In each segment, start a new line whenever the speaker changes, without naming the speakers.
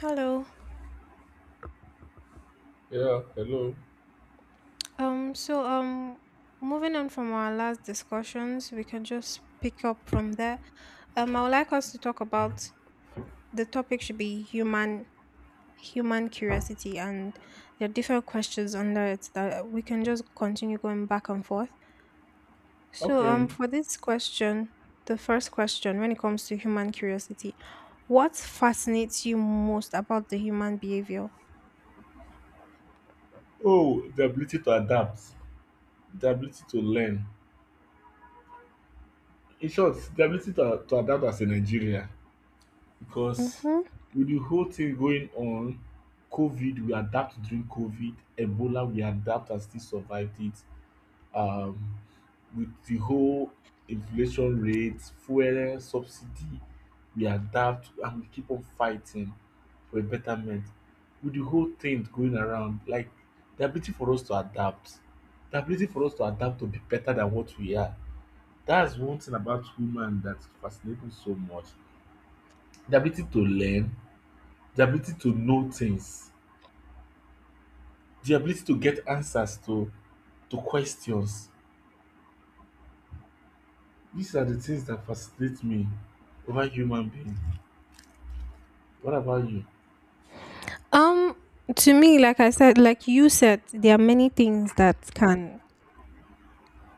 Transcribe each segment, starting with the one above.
Hello.
Yeah, hello.
Um, so um Moving on from our last discussions, we can just pick up from there. I would like us to talk about the topic should be human curiosity and there are different questions under it that we can just continue going back and forth. So
Okay.
um for this question, the first question when it comes to human curiosity, what fascinates you most about the human behavior?
Oh, the ability to adapt, the ability to learn. In short, the ability to adapt as a Nigerian because
Mm-hmm.
with the whole thing going on, COVID, we adapt during COVID, Ebola, we adapt and still survived it. um, with the whole inflation rates, fuel subsidy, we adapt and we keep on fighting for a betterment. With the whole thing going around, like the ability for us to adapt, the ability for us to adapt to be better than what we are. That's one thing about women that fascinates me so much. The ability to learn, the ability to know things, the ability to get answers to questions. These are the things that fascinate me over human being. What about you?
Um, to me, like I said, like you said, there are many things that can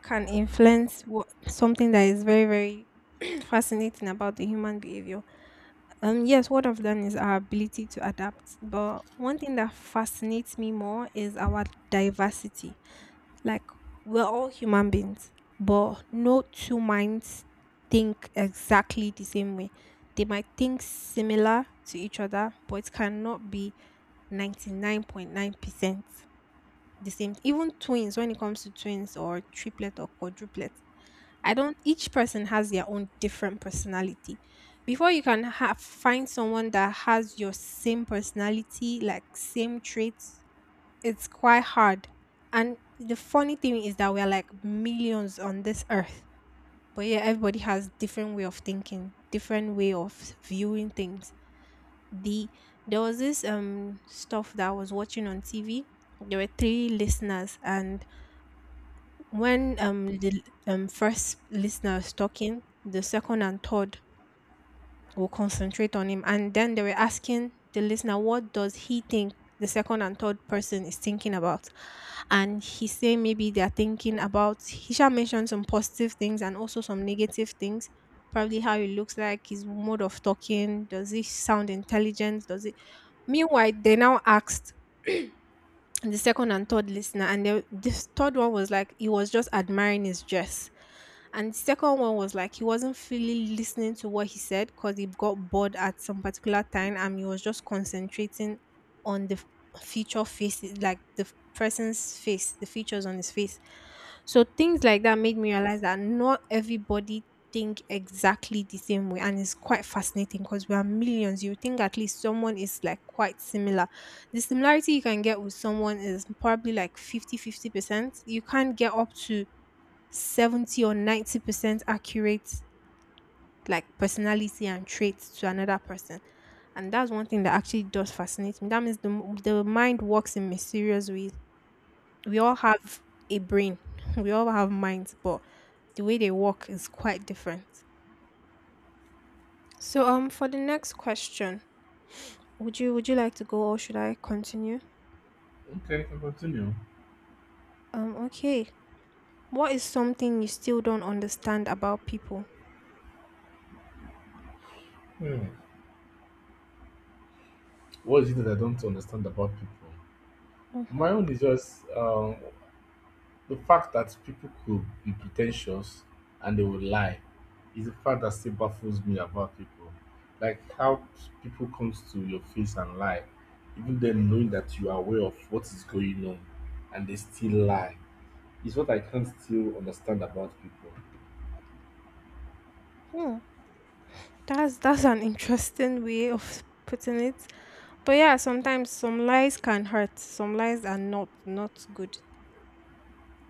can influence what something that is very fascinating about the human behavior. Yes, one of them is our ability to adapt, but one thing that fascinates me more is our diversity. Like, we're all human beings, but no two minds think exactly the same way. They might think similar to each other, but it cannot be 99.9% the same. Even twins, when it comes to twins or triplet or quadruplet, I don't, each person has their own different personality. Before you can have, find someone that has your same personality, like same traits, it's quite hard. And the funny thing is that we are like millions on this earth. But yeah, everybody has different way of thinking, different way of viewing things. The there was this stuff that I was watching on TV. There were three listeners and when the first listener was talking, the second and third will concentrate on him. And then they were asking the listener, what does he think the second and third person is thinking about? And he said maybe they're thinking about, Hisha mentioned some positive things and also some negative things. Probably how he looks like, his mode of talking, does he sound intelligent? Does it? Meanwhile, they now asked and the second and third listener and the third one was like he was just admiring his dress and the second one was like he wasn't fully listening to what he said because he got bored at some particular time and he was just concentrating on the feature faces, like the person's face, the features on his face. So things like that made me realize that not everybody think exactly the same way and it's quite fascinating because we are millions, you think at least someone is like quite similar. The similarity you can get with someone is probably like 50-50 percent. You can't get up to 70 or 90% accurate like personality and traits to another person. And that's one thing that actually does fascinate me. That means the mind works in mysterious ways. We all have a brain, we all have minds, but the way they work is quite different. So for the next question, would you like to go or should I continue?
Okay, you can continue.
Okay. What is something you still don't understand about people?
Hmm. What is it that I don't understand about people?
Mm-hmm.
My own is just the fact that people could be pretentious and they will lie. Is the fact that still baffles me about people. Like how people comes to your face and lie, even then knowing that you are aware of what is going on, and they still lie. Is what I can't still understand about people.
Hmm. That's an interesting way of putting it. But yeah, sometimes some lies can hurt. Some lies are not good.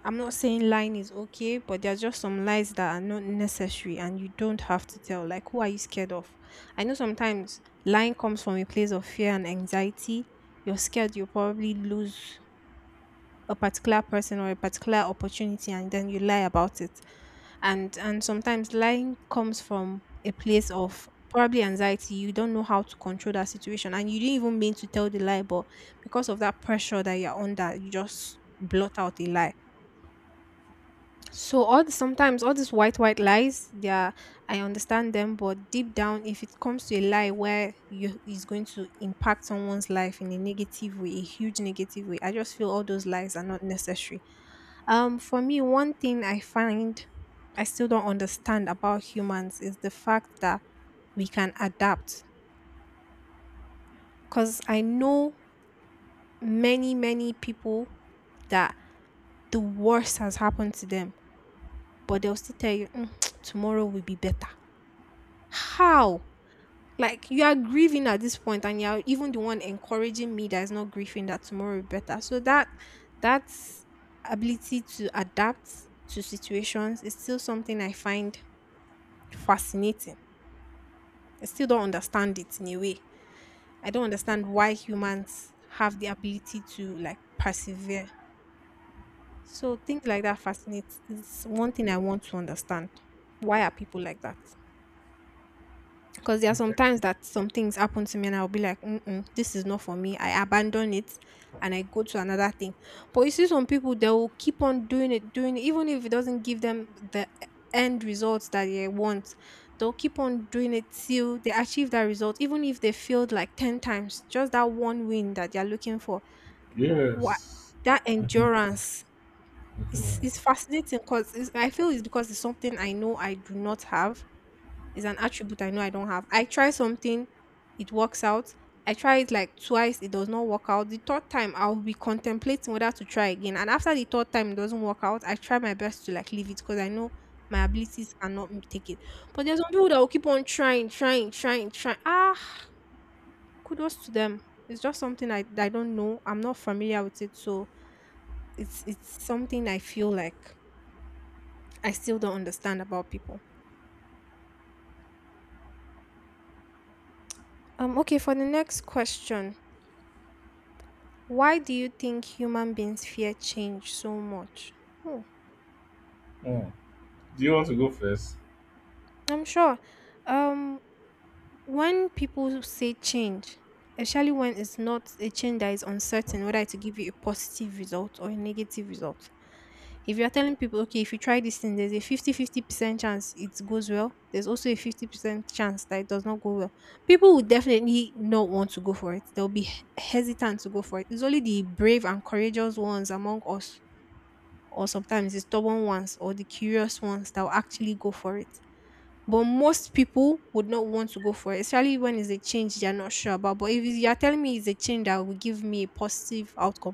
I'm not saying lying is okay, but there are just some lies that are not necessary and you don't have to tell. Like, who are you scared of? I know sometimes lying comes from a place of fear and anxiety. You're scared you'll probably lose a particular person or a particular opportunity and then you lie about it, and sometimes lying comes from a place of probably anxiety. You don't know how to control that situation and you didn't even mean to tell the lie, but because of that pressure that you're under, you just blot out a lie. So all the, sometimes all these white lies, they are, I understand them, but deep down, if it comes to a lie where you is going to impact someone's life in a negative way, a huge negative way, I just feel all those lies are not necessary. For me, one thing I find I still don't understand about humans is the fact that we can adapt. Cause I know many people that the worst has happened to them, but they'll still tell you, "Mm, tomorrow will be better. How?" Like, you are grieving at this point, and you're even the one encouraging me that is not grieving that tomorrow will better. So that ability to adapt to situations is still something I find fascinating. I still don't understand it in a way. I don't understand why humans have the ability to like persevere. So things like that fascinates. It's one thing I want to understand. Why are people like that? Because there are some times that some things happen to me and I'll be like, Mm-mm, this is not for me. I abandon it and I go to another thing. But you see some people, they will keep on doing it, even if it doesn't give them the end results that they want. They'll keep on doing it till they achieve that result, even if they failed like 10 times, just that one win that they're looking for. What
Yes.
that endurance is fascinating because I feel it's because it's something I know I do not have. It's an attribute I know I don't have. I try something, it works out. I try it like twice, it does not work out. The third time, I'll be contemplating whether to try again. And after the third time, it doesn't work out. I try my best to like leave it because I know my abilities cannot take it. But there's some people that will keep on trying, trying, trying, trying. Ah, kudos to them. It's just something I don't know. I'm not familiar with it, so it's something I feel like I still don't understand about people. Okay. For the next question, why do you think human beings fear change so much? Hmm,
Hmm. Do you want to go first?
I'm sure. Um, when people say change, especially when it's not a change that is uncertain, whether to give you a positive result or a negative result. If you're telling people, okay, if you try this thing, there's a 50-50 percent chance it goes well, there's also a 50% chance that it does not go well. People would definitely not want to go for it. They'll be hesitant to go for it. It's only the brave and courageous ones among us or sometimes the stubborn ones or the curious ones that will actually go for it. But most people would not want to go for it, especially when it's a change they're not sure about. But if you're telling me it's a change that will give me a positive outcome,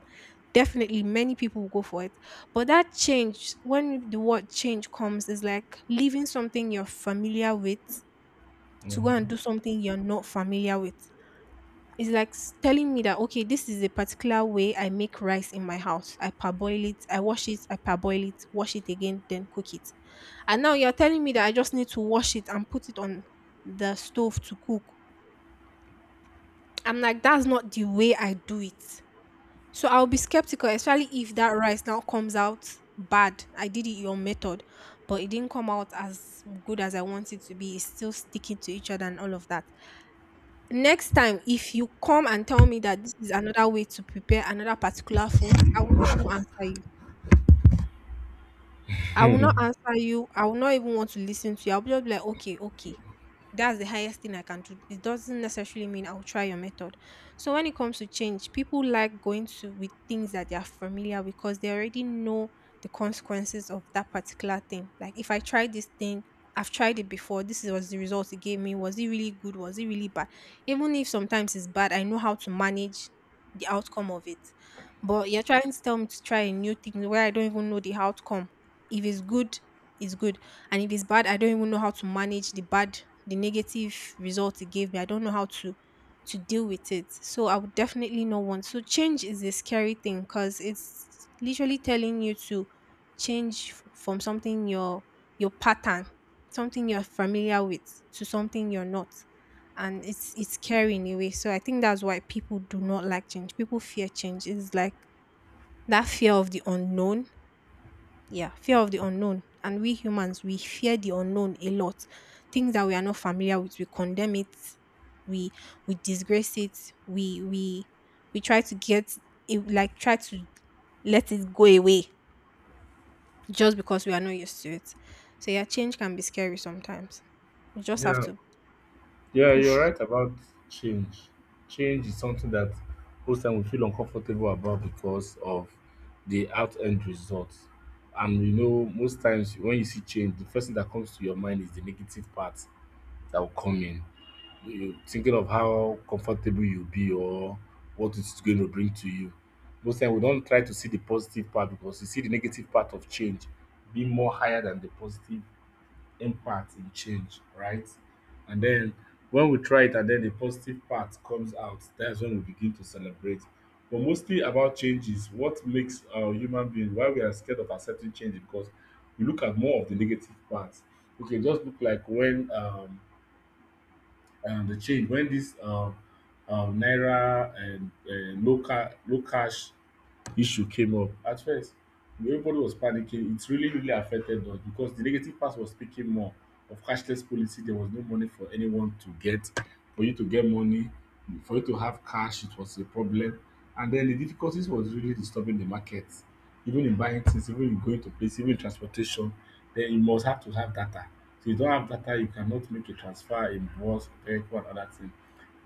definitely many people will go for it. But that change, when the word change comes, is like leaving something you're familiar with, to go and
Mhm.
do something you're not familiar with. It's like telling me that, okay, this is a particular way I make rice in my house. I parboil it, I wash it, I parboil it, wash it again, then cook it. And now you're telling me that I just need to wash it and put it on the stove to cook. I'm like, that's not the way I do it. So I'll be skeptical. Especially if that rice now comes out bad, I did it your method, but it didn't come out as good as I want it to be. It's still sticking to each other and all of that. Next time, if you come and tell me that this is another way to prepare another particular food, I will not even answer you. I will not answer you. I will not even want to listen to you. I'll just be like, okay, okay. That's the highest thing I can do. It doesn't necessarily mean I'll try your method. So when it comes to change, people like going to with things that they are familiar because they already know the consequences of that particular thing. Like, if I try this thing, I've tried it before. This was the result it gave me. Was it really good? Was it really bad? Even if sometimes it's bad, I know how to manage the outcome of it. But you're trying to tell me to try a new thing where I don't even know the outcome. If it's good, it's good. And if it's bad, I don't even know how to manage the bad, the negative result it gave me. I don't know how to deal with it. So I would definitely not want. So change is a scary thing because it's literally telling you to change from something, your pattern, something you're familiar with, to something you're not. And it's scary in a way. So I think that's why people do not like change. People fear change. It's like that fear of the unknown, yeah, fear of the unknown. And we humans, we fear the unknown a lot. Things that we are not familiar with, we condemn it, we we disgrace it, we we try to get it, like try to let it go away just because we are not used to it. So yeah, change can be scary sometimes. You just have
Yeah,
to
yeah, you're
push.
right about change. Change is something that most time we feel uncomfortable about because of the out end results. And you know, most times when you see change, the first thing that comes to your mind is the negative part that will come in. You thinking of how comfortable you'll be or what it's going to bring to you. Most time we don't try to see the positive part because you see the negative part of change being more higher than the positive impact in change, right? And then when we try it and then the positive part comes out, that's when we begin to celebrate. But mostly about changes, what makes our human being why we are scared of accepting change because we look at more of the negative parts. Okay, just look like when the change when this naira and low low cash issue came up. At first, everybody was panicking. It really, really affected us because the negative part was speaking more of cashless policy. There was no money for anyone to get. For you to get money, for you to have cash, it was a problem. And then the difficulties was really disturbing the market, even in buying things, even in going to places, even in transportation. Then you must have to have data. So you don't have data, you cannot make a transfer in bus, vehicle, and other things.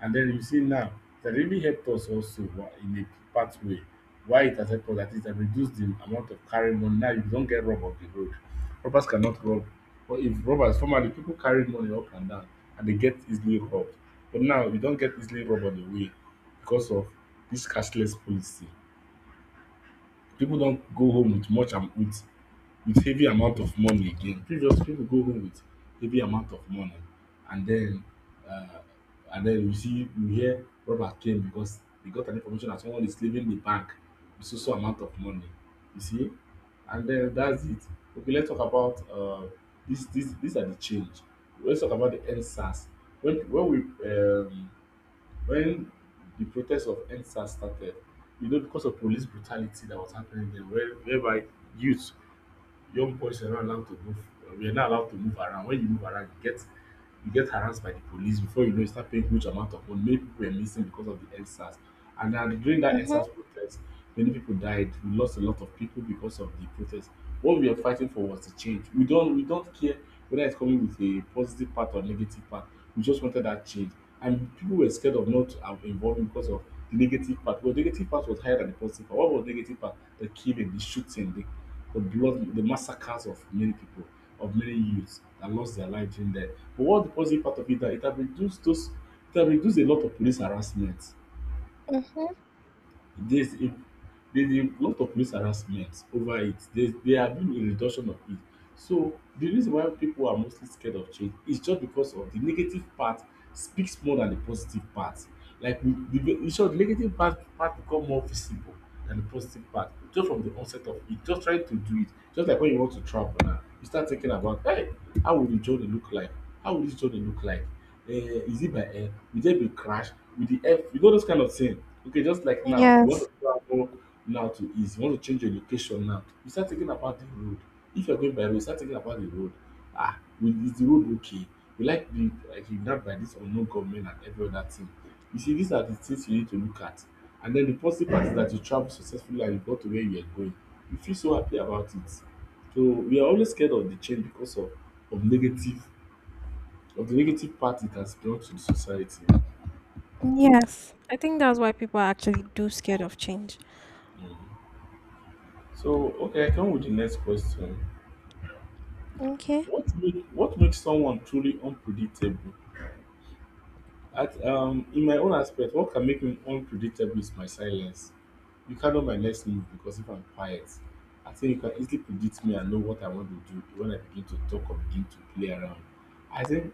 And then you see now that really helped us also in a pathway why it has helped us that is that reduce the amount of carrying money. Now you don get rob on the road, robbers cannot rob, but if robbers formerly people carry money up and down and dey get easily robbed, but now you don get easily robbed on the way because of this cashless policy. People don go home with much and with heavy amount of money again. Previously, people go home with heavy amount of money, and then uh, and then you see you hear robbers came because they got an information that someone is leaving the bank with so so amount of money. You see, and then that's it. Okay, let's talk about this. This these are the change. Let's talk about the NSAS. When we um, when the protest of NSAS started, you know, because of police brutality that was happening there, where, whereby youth young boys are not allowed to move. We are not allowed to move around. When you move around, you get harassed by the police. Before you know, you start paying huge amount of money. Many people were missing because of the EndSARS. And then during that
Mhm,
EndSARS protest, many people died. We lost a lot of people because of the protest. What we are fighting for was the change. We don't care whether it's coming with a positive part or negative part. We just wanted that change. And people were scared of not involving because of the negative part. Well, the negative part was higher than the positive part. What was the negative part? The killing, the shooting, the blood, the massacres of many people, of many youths that lost their life during that. But what the positive part of it that it have reduced those it have reduced a lot of police harassment.
mhm.
There's a there's a lot of police harassment over it. There's there have been a reduction of it. So the reason why people are mostly scared of change is just because of the negative part speaks more than the positive part, like we, the in short, the negative part become more visible than the positive part just from the onset of it, just trying to do it, just like when you want to travel now. You start thinking about, hey, how would the journey look like, how would this journey look like, uh, is it by air, will there be crash, will the air, you know, those kind of thing. Okay, just like now you want
Yes,
to travel now to east, you want to change your location. Now you start thinking about the road. If you're going by road, start thinking about the road. Ah, will, is the road okay? Will I be like kidnapped by this unknown government and every other thing? You see, these are the things you need to look at. And then the positive part is that you travel successfully and you got to where you were going. You feel so happy about it. So we are always scared of the change because of negative of the negative part it has brought to the society.
yes. I think that's why people are actually do scared of change.
So, okay, I come with the next question.
Okay.
What makes someone truly unpredictable? In my own aspect, what can make me unpredictable is my silence. You can't know my next move because if I'm quiet, I think you can easily predict me and know what I want to do when I begin to talk or begin to play around. I think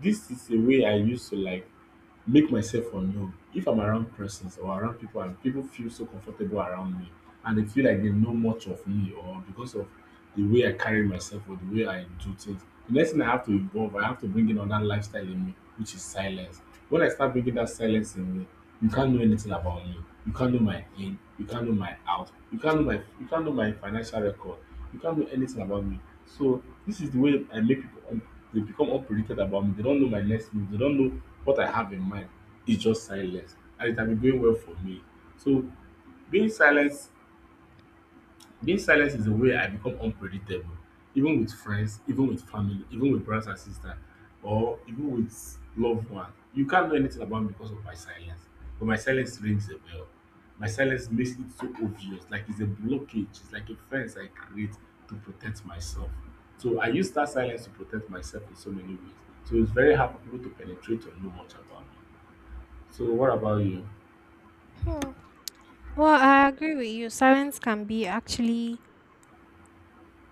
this is a way I used to like make myself unknown if I'm around persons or around people, and people feel so comfortable around me and they feel like they know much of me or because of the way I carry myself or the way I do things. The next thing I have to evolve, I have to bring in another lifestyle in me, which is silence. When I start bringing that silence in me, you can't know anything about me. You can't know my in, you can't know my out, you can't know my financial record, you can't know anything about me. So this is the way I make people they become unpredicted about me. They don't know my next move, they don't know what I have in mind. It's just silence. And it has been going well for me. So being silent being silent is the way I become unpredictable, even with friends, even with family, even with brothers and sisters, or even with loved ones. You can't know anything about me because of my silence. But my silence rings a bell. My silence makes it so obvious, like it's a blockage, it's like a fence I create to protect myself. So I use that silence to protect myself in so many ways. So it's very hard for people to penetrate or know much about me. So what about you?
Hmm. Well, I agree with you. Silence can be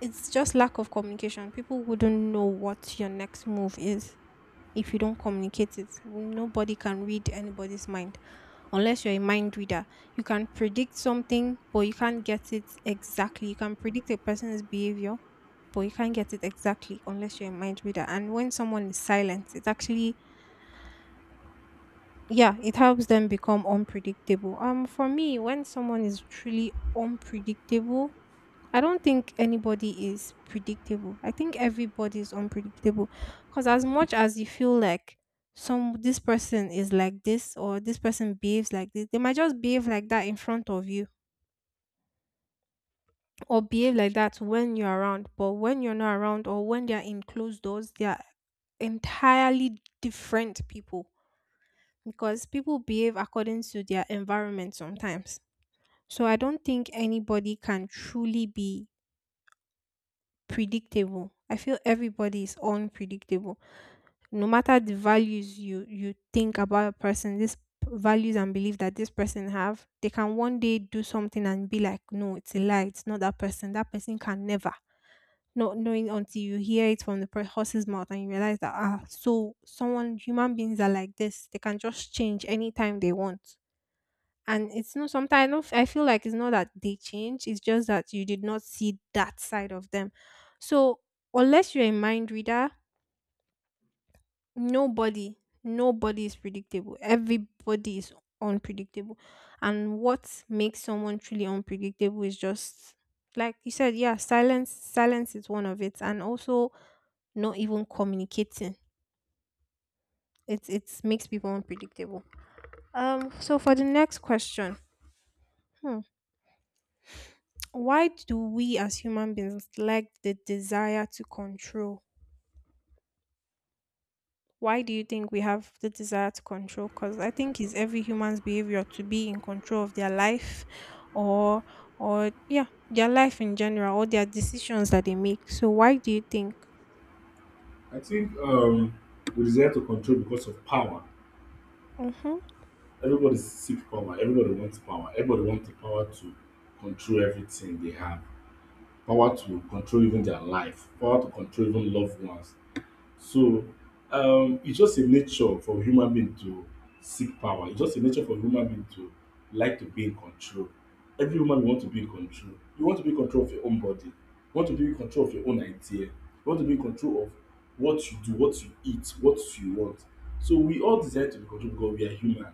it's just lack of communication. People wouldn't know what your next move is if you don't communicate it. Nobody can read anybody's mind unless you're a mind reader. You can predict something, but you can't get it exactly. You can predict a person's behavior, but you can't get it exactly unless you're a mind reader. And when someone is silent, it helps them become unpredictable. For me, when someone is truly unpredictable, I don't think anybody is predictable. I think everybody is unpredictable because as much as you feel like some this person is like this or this person behaves like this, they might just behave like that in front of you or behave like that when you're around. But when you're not around or when they're in closed doors, they are entirely different people because people behave according to their environment sometimes. So I don't think anybody can truly be predictable. I feel everybody is unpredictable. No matter the values you think about a person, values and belief that this person have, they can one day do something and be like, no, it's a lie. It's not that person. That person can never. Not knowing until you hear it from the horse's mouth and you realize that ah, so someone human beings are like this. They can just change anytime they want. And it's not sometimes I don't f- I feel like it's not that they change, it's just that you did not see that side of them. So unless you're a mind reader, nobody, nobody is predictable. Everybody is unpredictable. And what makes someone truly unpredictable is just like you said, yeah, silence is one of it. And also not even communicating. It's it makes people unpredictable. So for the next question. Hmm. Why do we as human beings lack the desire to control? Why do you think we have the desire to control? Because I think it's every human's behavior to be in control of their life or their life in general or their decisions that they make. So why do you think?
I think we desire to control because of power.
Mm-hmm.
Everybody seek power. Everybody wants power. Everybody wants the power to control everything they have. Power to control even their life. Power to control even loved ones. So it's just a nature for human being to seek power. It's just a nature for human being to like to be in control. Every human being want to be in control. You want to be in control of your own body. You want to be in control of your own idea. You want to be in control of what you do, what you eat, what you want. So we all desire to be controlled because we are human.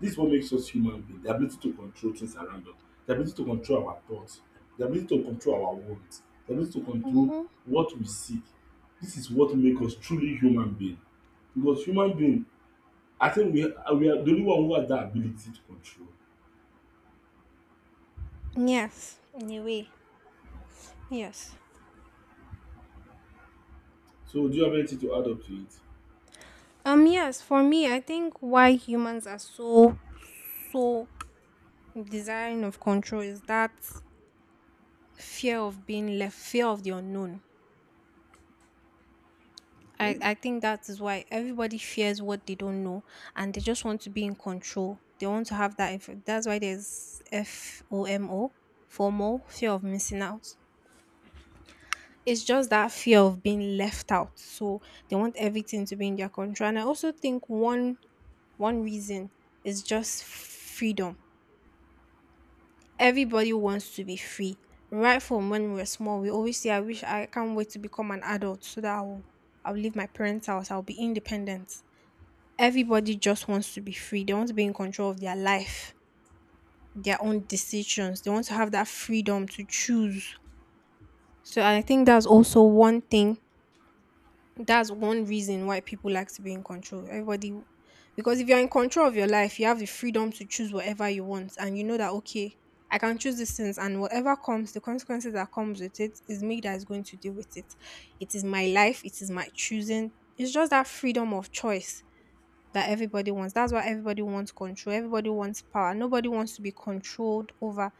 This is what makes us human being, the ability to control things around us, the ability to control our thoughts, the ability to control our wants, the ability to control
Mm-hmm.
what we seek. This is what make us truly human being. Because human being, I think we are the only one who has that ability to control.
Yes. In a way. Yes.
So do you have anything to add up to it?
Yes, for me I think why humans are so desiring of control is that fear of being left, fear of the unknown.
Okay.
I think that is why everybody fears what they don't know and they just want to be in control. They want to have that. Effect. That's why there's FOMO, FOMO, fear of missing out. It's just that fear of being left out. So they want everything to be in their control. And I also think one reason is just freedom. Everybody wants to be free. Right from when we were small, we always say, I wish I can't wait to become an adult so that I'll leave my parents' house, I'll be independent. Everybody just wants to be free. They want to be in control of their life, their own decisions. They want to have that freedom to choose. So I think that's also one thing. That's one reason why people like to be in control. Everybody, because if you're in control of your life, you have the freedom to choose whatever you want, and you know that okay, I can choose these things, and whatever comes, the consequences that comes with it is me that is going to deal with it. It is my life. It is my choosing. It's just that freedom of choice that everybody wants. That's why everybody wants control. Everybody wants power. Nobody wants to be controlled over.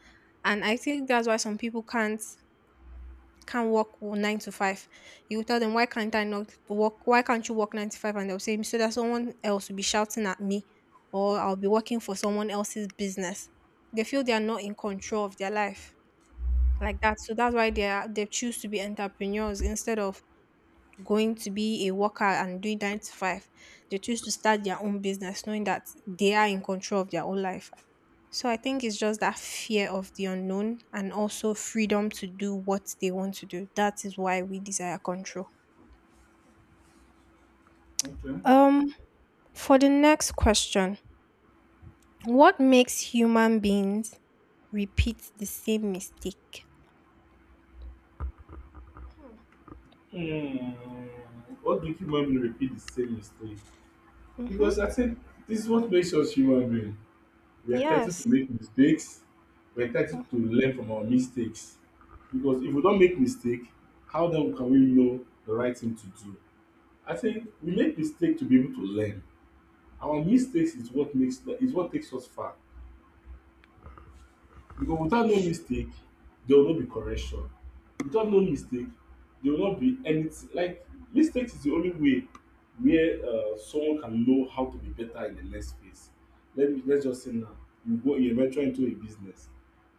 And I think that's why some people can't work nine to five. You tell them why can't I not work? Why can't you work nine to five? And they'll say so that someone else will be shouting at me, or I'll be working for someone else's business. They feel they are not in control of their life like that. So that's why they choose to be entrepreneurs instead of going to be a worker and doing nine to five. They choose to start their own business knowing that they are in control of their own life. So I think it's just that fear of the unknown and also freedom to do what they want to do. That is why we desire control.
Okay.
Um, for the next question, what makes human beings repeat the same mistake?
Hmm. What make human being repeat the same mistake?
Mm-hmm.
Because I think this is what makes us human being. We are titled
Yes.
to make mistakes. We are titled
Mm.
to learn from our mistakes. Because if we don't make mistake, how then can we know the right thing to do? I think we make mistake to be able to learn. Our mistakes is what makes is what takes us far. Because without no mistake, there will no be correction. Without no mistake, there will not be anything. Like, mistake is the only way where someone can know how to be better in the next phase. Let's just say now, you go, you venture into a business.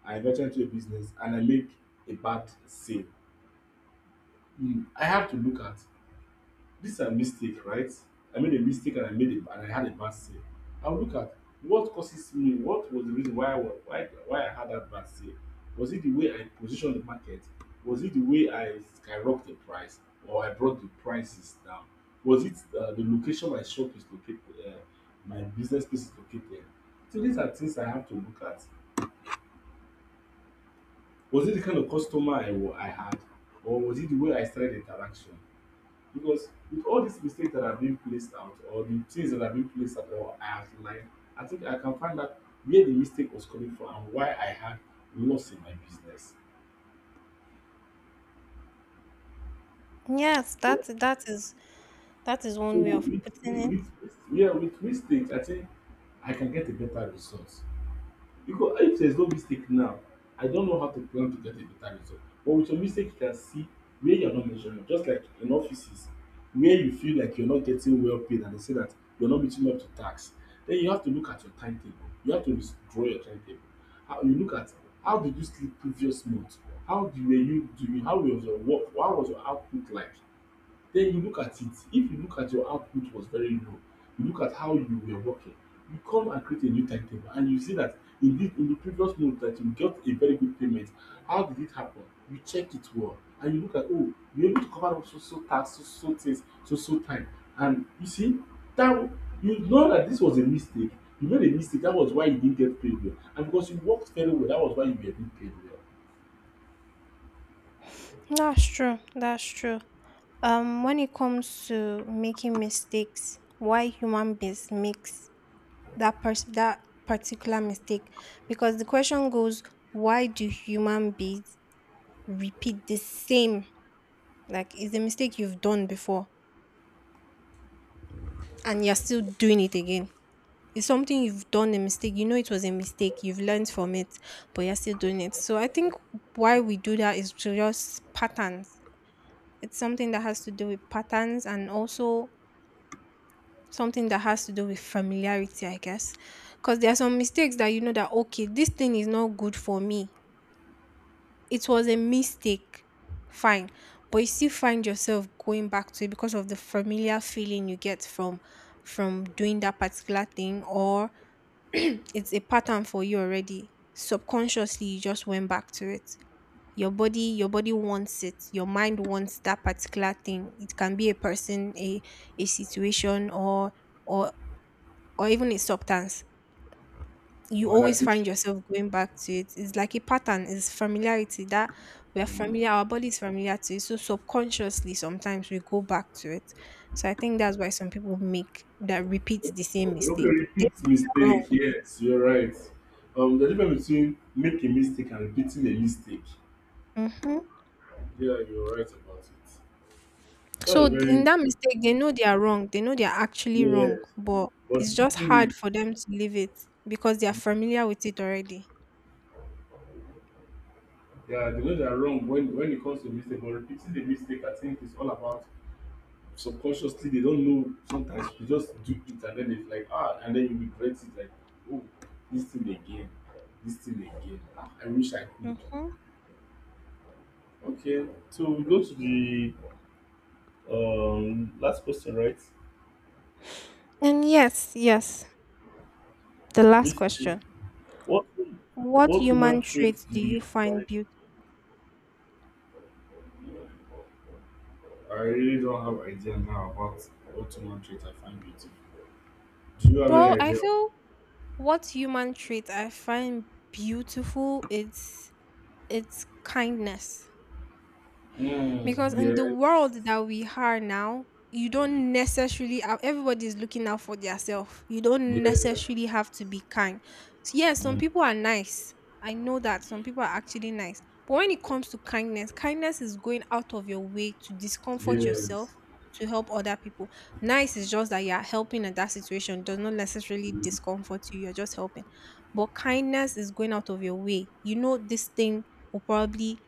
I venture into a business and I make a bad sale. Mm. I have to look at this is a mistake, right? I made a mistake and I made a and I had a bad sale. I'll look at what causes me, what was the reason why I was why I had that bad sale. Was it the way I positioned the market? Was it the way I skyrocketed the price or I brought the prices down? Was it the location my shop is located, uh, my business place is located? So these are things I have to look at. Was it the kind of customer I had or was it the way I started the interaction? Because with all these mistakes that are being placed out or the things that are being placed out or as like I think I can find out where the mistake was coming from and why I had loss in my business.
Yes,
So
that is that is
so
one way of
with
putting
with
it.
with yeah with mistakes I think I can get a better result. Because if there is no mistake now, I don't know how to plan to get a better result. But with your mistake, you can see where you are not measuring up. Just like in offices where you feel like you are not getting well paid and they say that you are not meeting up to task, then you have to look at your timetable. You have to withdraw your timetable. How you look at how did you sleep previous month? How do, were you doing? How was your work? How was your output like? Then you look at it. If you look at your output was very low, you look at how you were working, you come and create a new timetable and you see that in the previous month that you got a very good payment, how did it happen? You check it well and you look at, oh, you're able to cover up so so tax, so so things, so so time. And you see, that you know that this was a mistake. You made a mistake. That was why you didn't get paid well. And because you worked very well, that was why you were being paid well.
That's true. That's true. When it comes to making mistakes, why human beings makes that particular mistake? Because the question goes, why do human beings repeat the same? Like, it's a mistake you've done before, and you're still doing it again. It's something you've done a mistake. You know it was a mistake. You've learned from it, but you're still doing it. So I think why we do that is to just patterns. It's something that has to do with patterns and also something that has to do with familiarity, I guess. Because there are some mistakes that you know that, okay, this thing is not good for me. It was a mistake. Fine. But you still find yourself going back to it because of the familiar feeling you get from doing that particular thing or it's a pattern for you already. Subconsciously you just went back to it. Your body wants it. Your mind wants that particular thing. It can be a person, a situation or or even a substance, you
Well, and I
always
think so.
find yourself going back to it. It's like a pattern, it's familiarity that we are
Mm.
familiar, our body is familiar to it. So subconsciously sometimes we go back to it. So I think that's why some people make that repeat the same
Okay,
mistake. They
repeat
are wrong.
mistake. Yes, you're right. The difference between make a mistake and repeating a mistake.
Hmm.
Yeah, you're right about it. That's a
So in
very
that
good.
mistake, they know they are wrong. They know they are actually wrong,
Yes,
but
but
it's just
repeating
hard for them to leave it because they are
it.
familiar with it already.
Yeah, they know they're wrong when it comes to mistake. But repeating the mistake, I think, is all about subconsciously they don't know. Sometimes you just do it and then it's like ah, and then you regret it. Like oh, this thing again, this thing again. Ah, I wish I could.
Hmm.
Okay, so we go to the last question, right?
And yes, yes. The last
Which is
question.
what
What
what human
human
traits
traits
do
do you
you
find
find?
beautiful?
I really don't have idea now about what human trait I find beautiful. Do you have any
Well, I
idea?
feel what human trait I find beautiful is it's kindness.
Mm,
Because in the
yes.
world that we are now, you
Mm,
don't necessarily have everybody is looking out for themselves, you don't
yeah.
necessarily have to be kind. So yes, some
Mm,
people are nice. I know that some people are actually nice, but when it comes to kindness, kindness is going out of your way to discomfort
yes.
yourself to help other people. Nice is just that you're helping in that situation does not necessarily
Mm.
discomfort you, you're just helping. But kindness is going out of your way, you know this thing will probably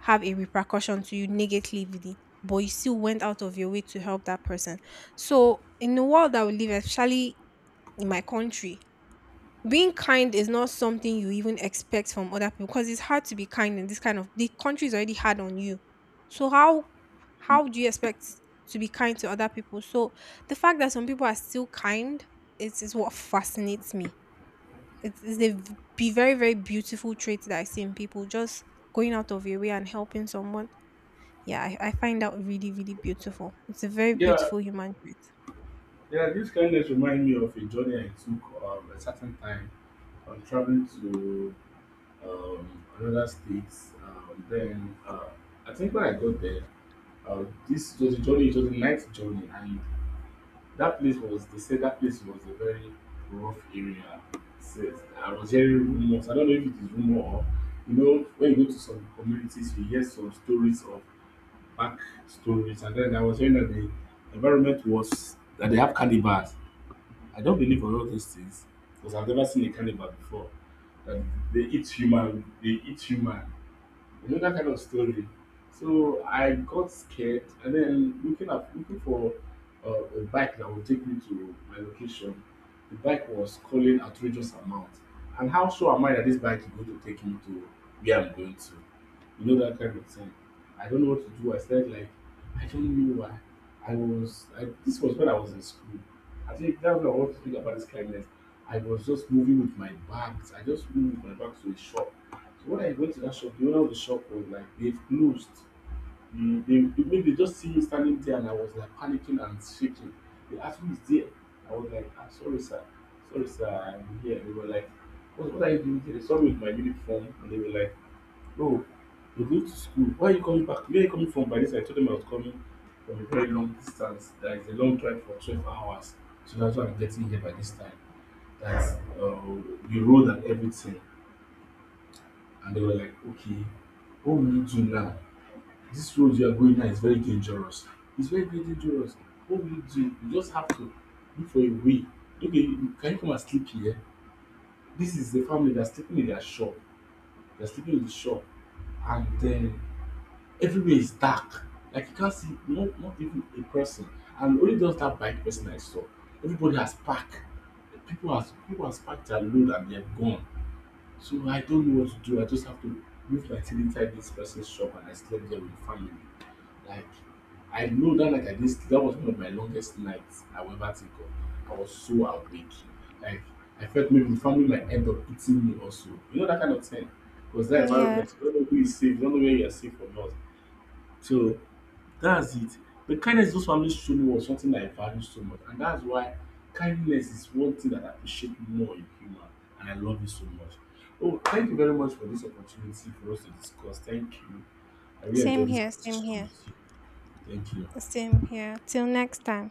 have a repercussion to you negatively, but you still went out of your way to help that person. So, in the world that we live, especially in my country, being kind is not something you even expect from other people because it's hard to be kind in this kind of the country is already hard on you. So how do you expect to be kind to other people? So the fact that some people are still kind is what fascinates me. It's, be very very beautiful trait that I see in people just going out of your way and helping someone. Yeah, I find that really, really beautiful. It's a very
Yeah.
beautiful human trait.
Yeah. This kindness reminds me of a journey I took a certain time. I'm traveling to another state. Then I think when I got there, this was a journey. It was a night journey, and that place was. They said that place was a very rough area. Says I was hearing rumors. I don't know if it is rumor or you know when you go to some communities, you hear some stories of back stories, and then I was hearing that the environment was that they have cannibals. I don't believe on all those things because I've never seen a cannibal before. That they eat human. They eat human you know that kind of story. So I got scared, and then looking for a bike that would take me to my location, the bike was calling outrageous amount. And how sure am I that this bike is going to take me to where I'm going to? You know that kind of thing. I don't know what to do. I said like I don't know why. This was when I was in school. I think that's what I want to speak about this kindness. I was just moving with my bags. I just moved with my bags to a shop. So when I went to that shop, the owner of the shop was like, they've closed. Mm, maybe they just see me standing there and I was like panicking and shaking. They asked me, is there? I was like, ah, sorry, sir. Sorry, sir, I'm here. They were like, what are you doing here? They saw me with my uniform and they were like, oh, you're going to school. Why are you coming back? Where are you coming from by this? I told them I was coming from a very long distance. That is a long drive for 12 hours. So that's why I'm getting here by this time. That's the road and everything. And they were like, okay, what will you do now? This road you are going now is very dangerous. It's very, very dangerous. What will you do? You just have to look for a way. Okay, can you come and sleep here? This is the family that's sleeping in their shop. They're sleeping in the shop. And then everywhere is dark. Like you can't see not even a person. And only just that bike person I saw. Everybody has parked. People has parked their load and they have gone. So I don't know what to do. I just have to move my thing inside this person's shop and I slept there with the family. Like I know that like I did that was one of my longest nights I will ever think of. I was so awake. Like I felt maybe the family might end up eating me also. You know that kind of thing. Because that
Yeah.
environment, you don't know who is safe, you don't know where you are safe or not. So that's it. But kindness those families showed me was something that I value so much. And that's why kindness is one thing that I appreciate more in human. And I love it so much. Oh, thank you very much for this opportunity for us to discuss. Thank you. I really
Same
enjoyed this
here, same
conversation
here,
with you. Thank you.
same here. Till next time.